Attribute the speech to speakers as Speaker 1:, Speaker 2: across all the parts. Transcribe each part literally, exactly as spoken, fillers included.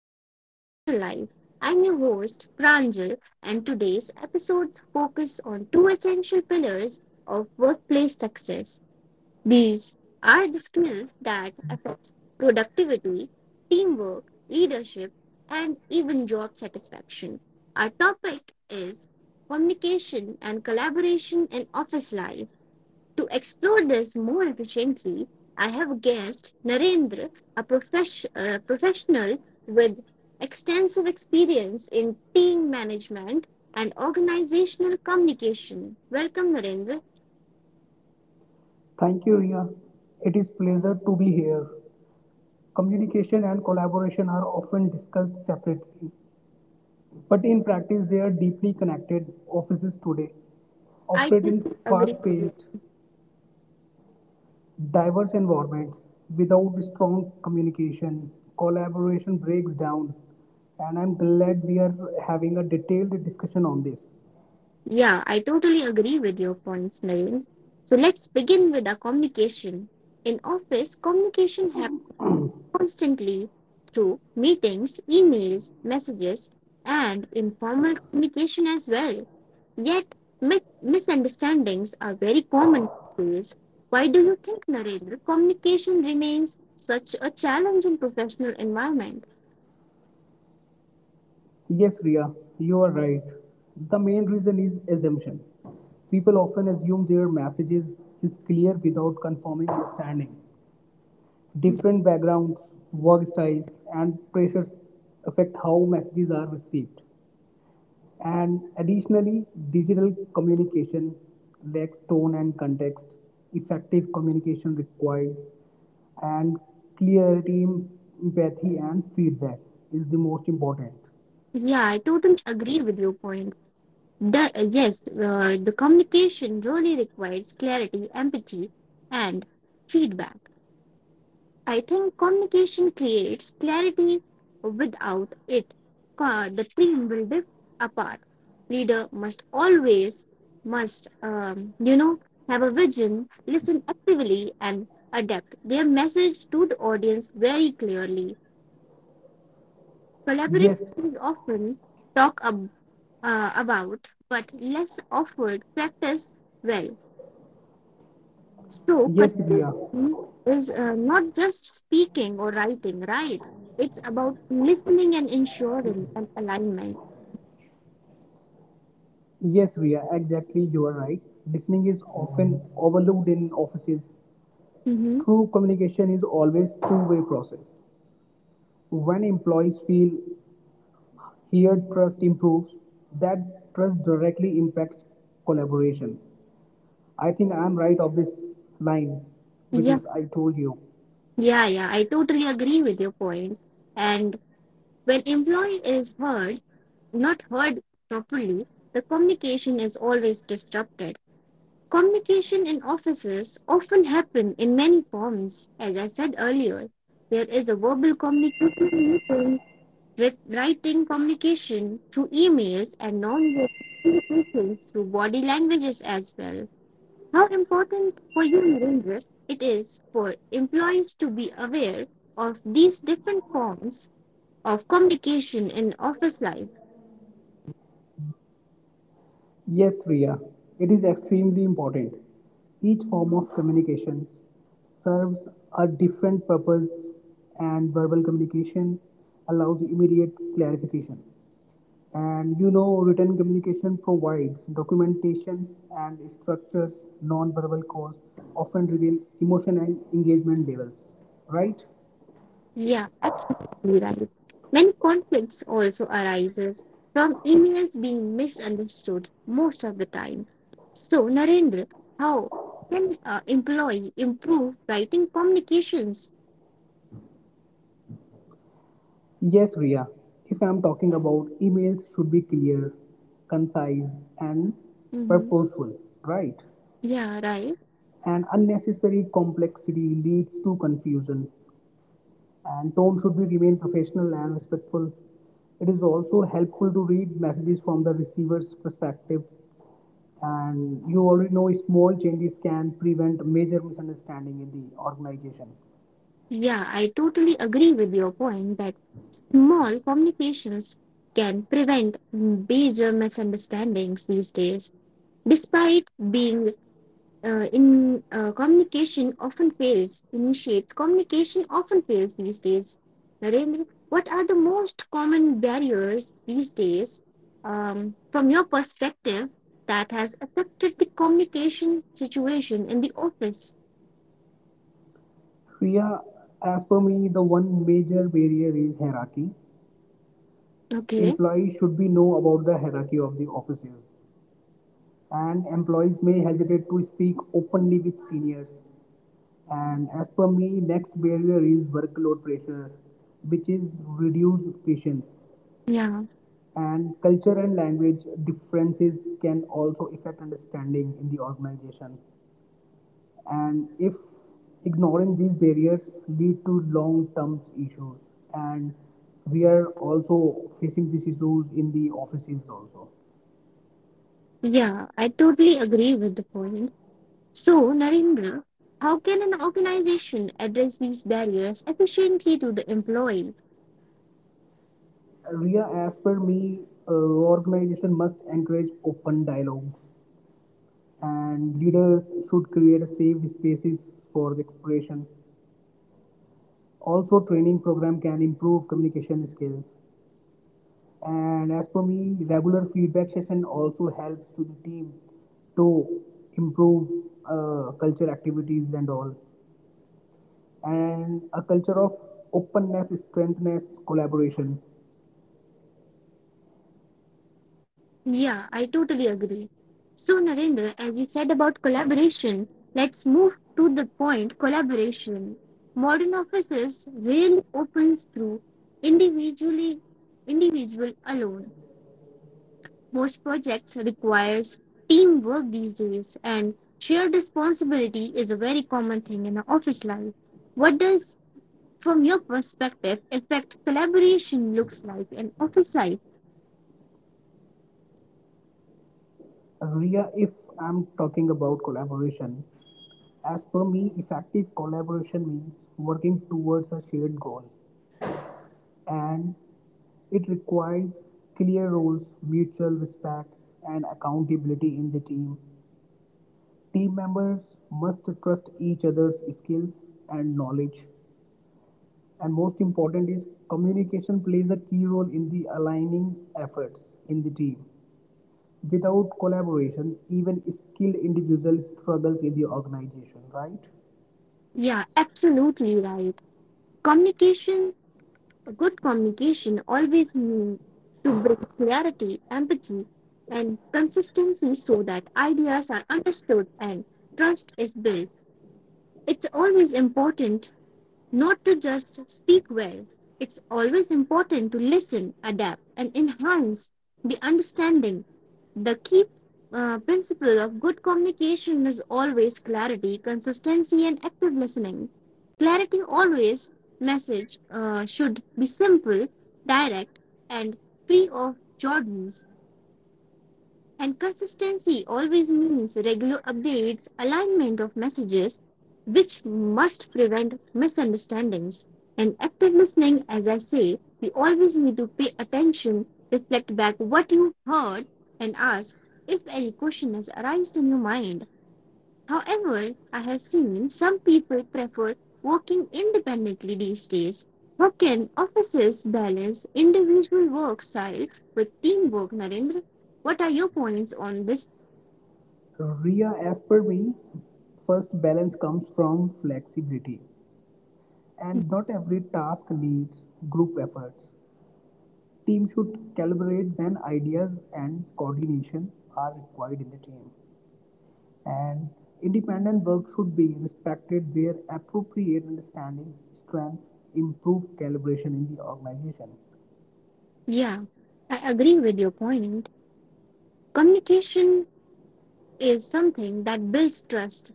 Speaker 1: modern professional life. I'm your host, Pranjal, and today's episodes focus on two essential pillars of workplace success. These are the skills that affect productivity, teamwork, leadership, and even job satisfaction. Our topic is communication and collaboration in office life to explore this more efficiently, I have guest Narendra, a profesh- uh, professional with extensive experience in team management and organizational communication. Welcome, Narendra.
Speaker 2: Thank you, Ria. It is pleasure to be here. Communication and collaboration are often discussed separately, but in practice they are deeply connected. Offices today
Speaker 1: I
Speaker 2: operate in
Speaker 1: totally agree with you.
Speaker 2: fast-paced, diverse environments. Without strong communication, collaboration breaks down, and I'm glad we are having a detailed discussion on this.
Speaker 1: Yeah, I totally agree with your points, Narendra. So let's begin with our communication. In office, communication happens constantly through meetings, emails, messages, and informal communication as well. Yet, mi- misunderstandings are very common these days. Why do you think, Narendra, communication remains such a challenge in professional environment?
Speaker 2: Yes, Ria, you are right. The main reason is assumption. People often assume their messages is clear without confirming understanding. Different backgrounds, work styles, and pressures affect how messages are received. And additionally, digital communication lacks tone and context. Effective communication requires and clarity, empathy, and feedback is the most important.
Speaker 1: Yeah, I totally agree with your point. The, uh, yes, uh, the communication really requires clarity, empathy, and feedback. I think communication creates clarity. Without it, co- the team will drift apart. Leader must always must um, you know have a vision, listen actively, and adapt their message to the audience very clearly. Collaboration
Speaker 2: Yes,
Speaker 1: is often talked ab- uh, about, but less offered practice well. So,
Speaker 2: Yes, Ria.
Speaker 1: conversation is uh, not just speaking or writing, right? It's about listening and ensuring an alignment.
Speaker 2: Yes, Ria, exactly. You are right. Listening is often overlooked in offices.
Speaker 1: hmm
Speaker 2: True communication is always two-way process. When employees feel heard, trust improves. That trust directly impacts collaboration. I think I am right of this line, which
Speaker 1: Yeah,
Speaker 2: is I told you.
Speaker 1: yeah, yeah, I totally agree with your point. And when employee is heard, not heard properly, the communication is always disrupted. Communication in offices often happen in many forms, as I said earlier. There is a verbal communication, with writing communication through emails and non-verbal communications through body languages as well. How important for you, Narendra, it is for employees to be aware of these different forms of communication in office life.
Speaker 2: Yes, Riya, it is extremely important. Each form of communication serves a different purpose, and verbal communication allows immediate clarification. And you know, written communication provides documentation and structures non-verbal cause often reveal emotion and engagement levels, right?
Speaker 1: Yeah, absolutely right. Many conflicts also arises from emails being misunderstood most of the time. So, Narendra, how can uh, employee improve writing communications.
Speaker 2: Yes, Ria. If I'm talking about emails should be clear, concise and
Speaker 1: Mm-hmm.
Speaker 2: purposeful, right?
Speaker 1: Yeah, right.
Speaker 2: And unnecessary complexity leads to confusion and tone should be remain professional and respectful. It is also helpful to read messages from the receiver's perspective and you already know small changes can prevent major misunderstanding in the organization.
Speaker 1: Yeah, I totally agree with your point that small communications can prevent major misunderstandings these days. Despite being uh, in uh, communication often fails, initiates communication often fails these days. Narendra, what are the most common barriers these days, um, from your perspective, that has affected the communication situation in the office?
Speaker 2: Priya, as per me, the one major barrier is hierarchy.
Speaker 1: Okay.
Speaker 2: Employees should be know about the hierarchy of the officers, and employees may hesitate to speak openly with seniors. And as per me, next barrier is workload pressure, which is reduced patience.
Speaker 1: Yeah.
Speaker 2: And culture and language differences can also affect understanding in the organization. And if ignoring these barriers lead to long-term issues, and we are also facing these issues in the offices also.
Speaker 1: Yeah, I totally agree with the point. So, Narendra, how can an organization address these barriers efficiently to the employee?
Speaker 2: Ria, as per me, uh, organization must encourage open dialogue, and leaders should create safe spaces for the exploration. Also, training program can improve communication skills. And as per me, regular feedback session also helps to the team to improve uh, culture activities and all. And a culture of openness, strengthness, collaboration.
Speaker 1: Yeah, I totally agree. So, Narendra, as you said about collaboration, let's move to the point collaboration. Modern offices rarely opens through individually individual alone. Most projects requires teamwork these days, and shared responsibility is a very common thing in our office life. What does, from your perspective, effect collaboration looks like in office life?
Speaker 2: Ria, if I'm talking about collaboration, as per me, effective collaboration means working towards a shared goal and it requires clear roles, mutual respects, and accountability in the team. Team members must trust each other's skills and knowledge. And most important is communication plays a key role in the aligning efforts in the team. Without collaboration, even skilled individuals struggles in the organization, right?
Speaker 1: Yeah, absolutely right. Communication, good communication always means to bring clarity, empathy, and consistency so that ideas are understood and trust is built. It's always important not to just speak well. It's always important to listen, adapt, and enhance the understanding. The key uh, principle of good communication is always clarity, consistency, and active listening. Clarity always message uh, should be simple, direct, and free of jargons. And consistency always means regular updates, alignment of messages, which must prevent misunderstandings. And active listening, as I say, we always need to pay attention, reflect back what you heard, and ask if any question has arisen in your mind. However, I have seen some people prefer working independently these days. How can offices balance individual work style with teamwork, Narendra? What are your points on this?
Speaker 2: Ria, as per me, first balance comes from flexibility, and not every task needs group efforts. Team should calibrate when ideas and coordination are required in the team. And independent work should be respected where appropriate understanding, strengths, improve calibration in the organization.
Speaker 1: Yeah, I agree with your point. Communication is something that builds trust.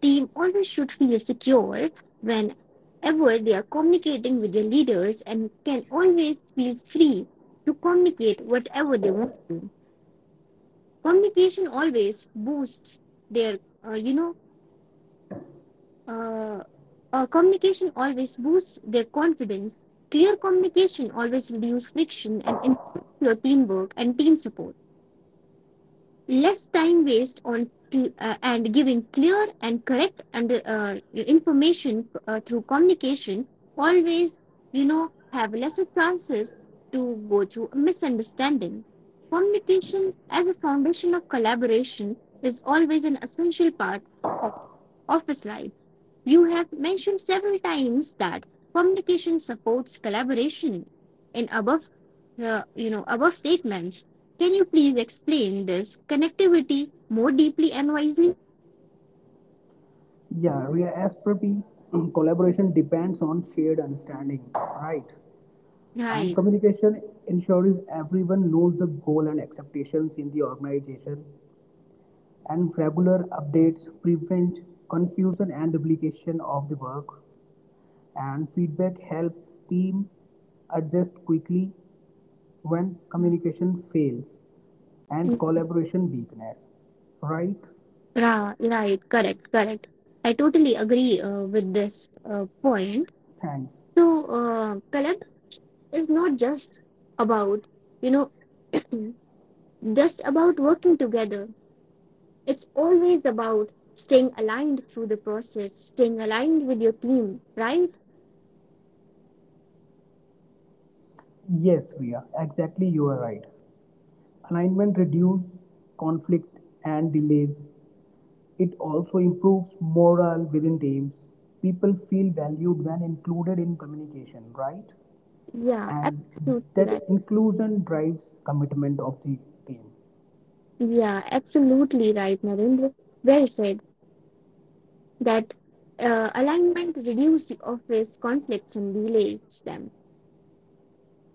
Speaker 1: Team always should feel secure whenever they are communicating with their leaders and can always feel free to communicate whatever they want to. Communication always boosts their uh, you know uh, uh, communication always boosts their confidence. Clear communication always reduces friction and improves your teamwork and team support, less time waste on cl- uh, and giving clear and correct and uh, information uh, through communication always you know have lesser chances to go through a misunderstanding. Communication as a foundation of collaboration is always an essential part of office life. You have mentioned several times that communication supports collaboration in above uh, you know above statements. Can you please explain this connectivity more deeply and wisely?
Speaker 2: Yeah, Ria, as per me, collaboration depends on shared understanding, right? And
Speaker 1: Right.
Speaker 2: communication ensures everyone knows the goal and expectations in the organization, and regular updates prevent confusion and duplication of the work. And feedback helps team adjust quickly when communication fails and
Speaker 1: Mm,
Speaker 2: collaboration weakness. Right?
Speaker 1: ra- right, correct, correct. I totally agree uh, with this uh, point.
Speaker 2: Thanks.
Speaker 1: So, uh, collab is not just about, you know, just about working together. It's always about staying aligned through the process, staying aligned with your team, right?
Speaker 2: Yes, Ria, exactly you are right. Alignment reduces conflict and delays. It also improves morale within teams. People feel valued when included in communication, right?
Speaker 1: Yeah,
Speaker 2: And
Speaker 1: absolutely
Speaker 2: that
Speaker 1: right.
Speaker 2: inclusion drives commitment of the team.
Speaker 1: Yeah, absolutely right, Narendra. Well said. That uh, alignment reduces the office conflicts and delays them.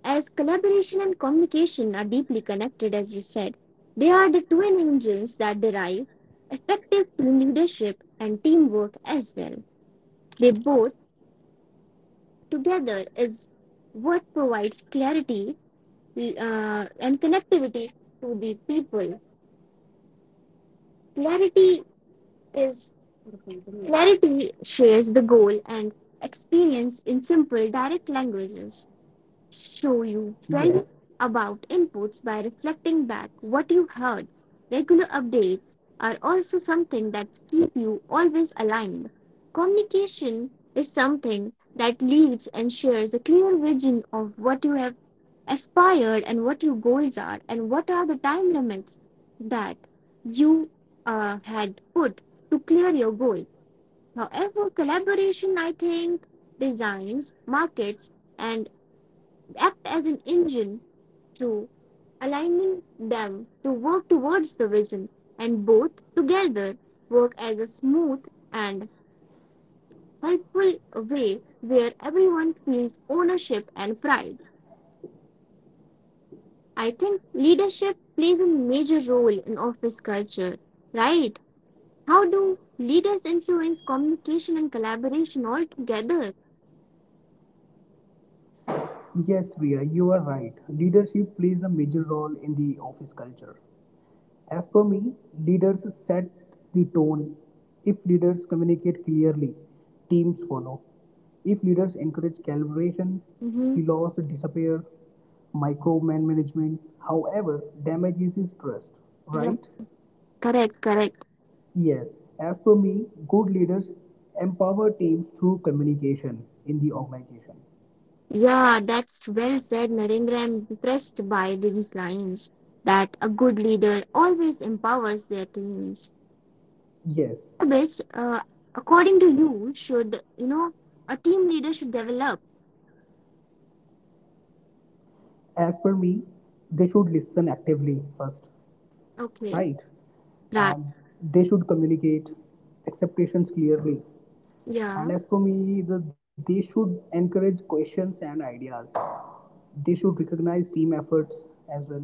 Speaker 1: As collaboration and communication are deeply connected, as you said, they are the twin engines that derive effective team leadership and teamwork as well. They both together is what provides clarity uh, and connectivity to the people. Clarity is clarity shares the goal and experience in simple, direct languages. Show you
Speaker 2: Yes.
Speaker 1: felt about inputs by reflecting back what you heard. Regular updates are also something that keep you always aligned. Communication is something that leads and shares a clear vision of what you have aspired and what your goals are and what are the time limits that you uh, had put to clear your goal. However, collaboration, I think, designs, markets, and act as an engine through aligning them to work towards the vision, and both together work as a smooth and helpful way where everyone feels ownership and pride. I think leadership plays a major role in office culture, right? How do leaders influence communication and collaboration all together?
Speaker 2: Yes, Ria, you are right. Leadership plays a major role in the office culture. As per me, leaders set the tone. If leaders communicate clearly, teams follow. If leaders encourage calibration,
Speaker 1: Mm-hmm.
Speaker 2: silos disappear, micromanagement, however, damages is trust,
Speaker 1: Yeah,
Speaker 2: right?
Speaker 1: correct, correct.
Speaker 2: Yes, as per me, good leaders empower teams through communication in the organization.
Speaker 1: Yeah, that's well said, Narendra. I'm impressed by these lines that a good leader always empowers their teams.
Speaker 2: Yes,
Speaker 1: Habits, uh, according to you, should, you know, a team leader should develop.
Speaker 2: as per me, they should listen actively first.
Speaker 1: Okay,
Speaker 2: Right?
Speaker 1: right.
Speaker 2: And they should communicate expectations clearly. And
Speaker 1: Yeah,
Speaker 2: as for me, the, they should encourage questions and ideas. They should recognize team efforts as well.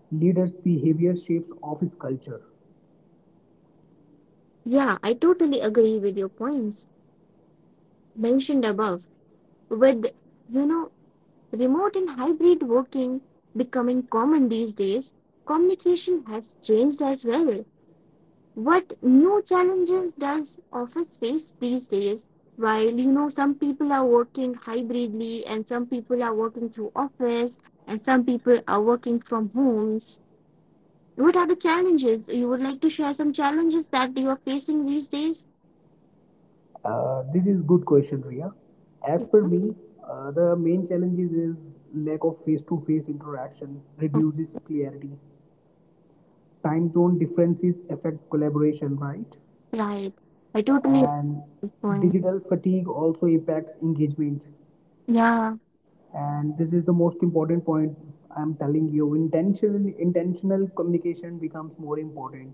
Speaker 2: Leaders' behavior shapes office culture.
Speaker 1: yeah, I totally agree with your points mentioned above. With, you know, remote and hybrid working becoming common these days, communication has changed as well. What new challenges does office face these days while you know some people are working hybridly and some people are working through office and some people are working from homes? What are the challenges you would like to share? Some challenges that you are facing these days.
Speaker 2: Uh, this is good question, Ria. As per me, uh, the main challenges is lack of face-to-face interaction
Speaker 1: Yeah,
Speaker 2: reduces clarity. Time zone differences affect collaboration, right?
Speaker 1: right. I totally
Speaker 2: And
Speaker 1: understand.
Speaker 2: digital fatigue also impacts engagement,
Speaker 1: Yeah.
Speaker 2: and this is the most important point I'm telling you. Intentional intentional communication becomes more important,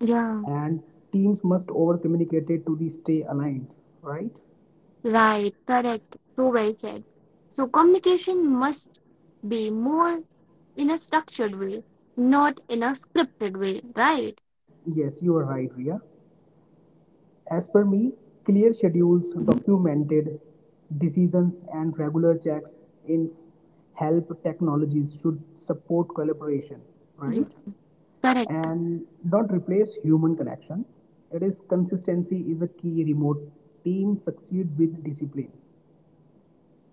Speaker 1: Yeah.
Speaker 2: and teams must over communicate it to the stay aligned, right?
Speaker 1: Right, correct. So well said. So communication must be more in a structured way, not in a scripted way, right?
Speaker 2: Yes, you are right, Ria. As per me, clear schedules, documented decisions, and regular checks in help technologies should support collaboration, right?
Speaker 1: Yes, correct.
Speaker 2: And not replace human connection. It is consistency is a key remote team succeed with discipline.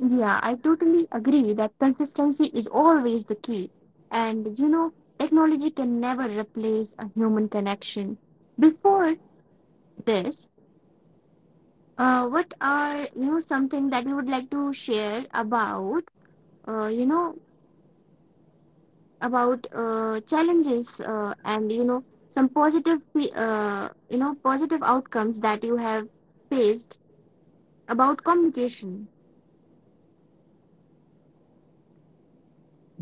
Speaker 1: Yeah, I totally agree that consistency is always the key. And you know, technology can never replace a human connection. Before this, uh, what are you know something that you would like to share about? Uh, you know, about uh, challenges uh, and you know some positive fe- uh, you know positive outcomes that you have faced about communication.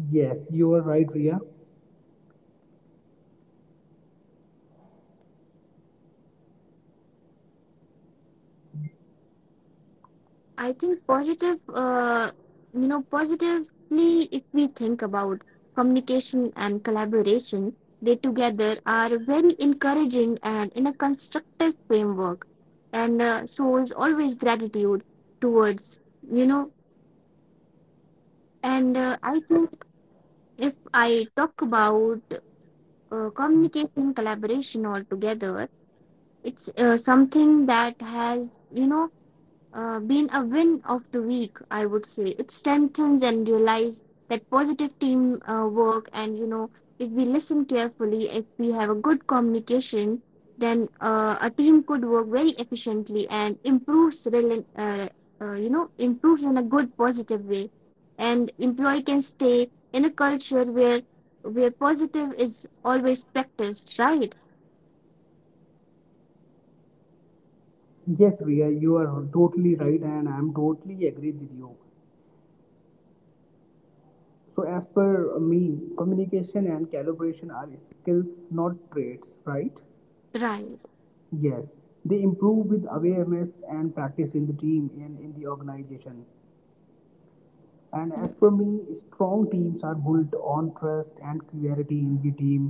Speaker 2: Yes, you are right, Ria.
Speaker 1: I think positive uh, you know positively if we think about communication and collaboration, they together are very encouraging and in a constructive framework and uh, shows always gratitude towards you know and uh, I think if I talk about uh, communication collaboration altogether, it's uh, something that has you know uh, been a win of the week, I would say. It strengthens and realize that positive team uh, work, and you know, if we listen carefully, if we have a good communication, then uh, a team could work very efficiently and improves, rela- uh, uh, you know, improves in a good positive way. And employee can stay in a culture where where positive is always practiced, right?
Speaker 2: Yes, Ria, you are totally right, and I'm totally agree with you. So, as per uh, me, communication and calibration are skills, not traits, right?
Speaker 1: Right.
Speaker 2: Yes, they improve with awareness and practice in the team and in the organization. And as per me, strong teams are built on trust and clarity in the team.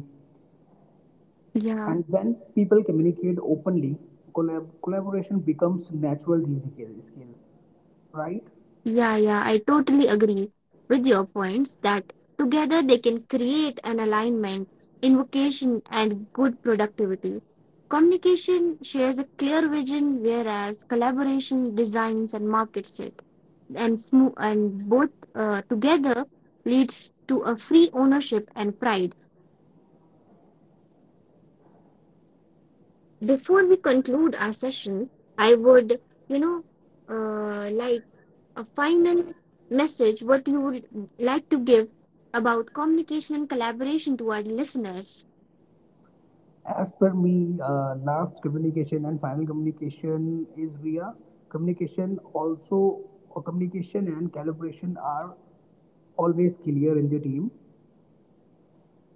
Speaker 2: And
Speaker 1: Yeah.
Speaker 2: when people communicate openly, collab- collaboration becomes natural. These skill- skills, right?
Speaker 1: Yeah, yeah, I totally agree with your points that together they can create an alignment, invocation, and good productivity. Communication shares a clear vision, whereas collaboration designs and markets it. And smooth and both uh, together leads to a free ownership and pride. Before we conclude our session, I would, you know, uh, like a final message what you would like to give about communication and collaboration to our listeners.
Speaker 2: As per me, uh, last communication and final communication is via communication. Also, uh, communication and calibration are always clear in the team.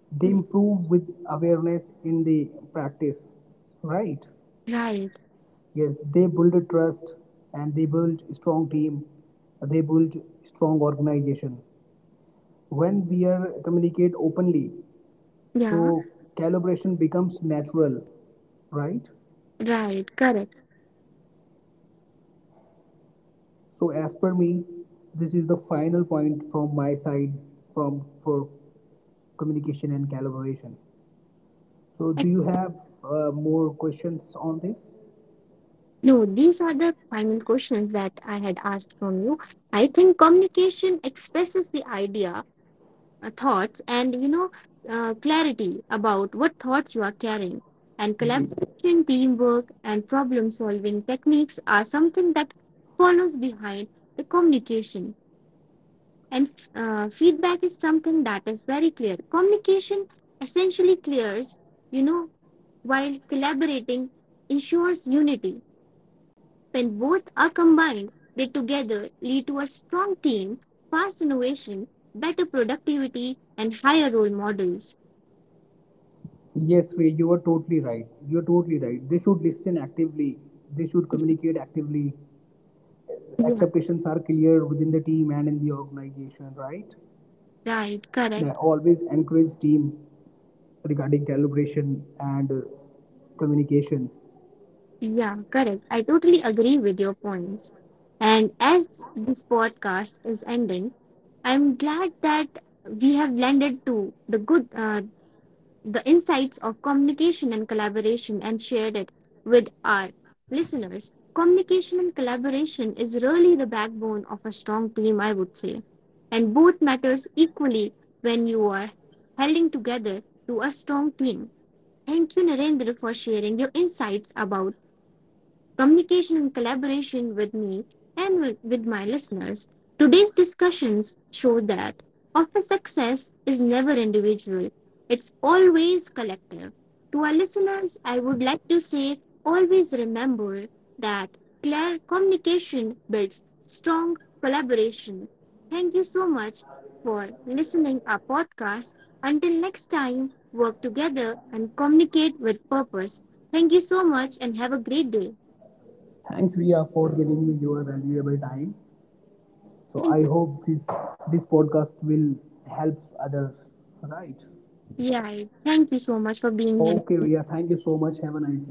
Speaker 2: They improve with awareness in the practice, right?
Speaker 1: Right.
Speaker 2: Yes, they build a trust and they build strong team. They build strong organization. When we are communicate openly, so
Speaker 1: Yeah.
Speaker 2: calibration becomes natural, right?
Speaker 1: Right. Correct.
Speaker 2: So as per me, this is the final point from my side from for communication and collaboration. So do
Speaker 1: And
Speaker 2: you have uh, more questions on this?
Speaker 1: no, these are the final questions that I had asked from you. I think communication expresses the idea, uh, thoughts, and you know, uh, clarity about what thoughts you are carrying. And
Speaker 2: Yes.
Speaker 1: collaboration, teamwork, and problem solving techniques are something that follows behind the communication. And uh, feedback is something that is very clear. Communication essentially clears, you know, while collaborating ensures unity. When both are combined, they together lead to a strong team, fast innovation, better productivity, and higher role models.
Speaker 2: Yes, Ray, you are totally right. You are totally right. They should listen actively. They should communicate actively.
Speaker 1: Yeah,
Speaker 2: Expectations are clear within the team and in the organization, right?
Speaker 1: right,
Speaker 2: They
Speaker 1: correct.
Speaker 2: always encourage team regarding calibration and uh, communication.
Speaker 1: Yeah, correct. I totally agree with your points. And as this podcast is ending, I'm glad that we have landed to the good uh, the insights of communication and collaboration and shared it with our listeners. Communication and collaboration is really the backbone of a strong team, I would say. And both matters equally when you are holding together to a strong team. Thank you, Narendra, for sharing your insights about communication and collaboration with me and with, with my listeners. Today's discussions show that office success is never individual, it's always collective. To our listeners, I would like to say always remember that clear communication builds strong collaboration. Thank you so much for listening our podcast. Until next time, work together and communicate with purpose. Thank you so much and have a great day.
Speaker 2: Thanks, Ria, for giving me your valuable time. So I
Speaker 1: Thank you.
Speaker 2: hope this this podcast will help others. Right.
Speaker 1: Yeah, thank you so much for being
Speaker 2: Okay,
Speaker 1: here.
Speaker 2: Ria. Thank you so much. Have a nice day.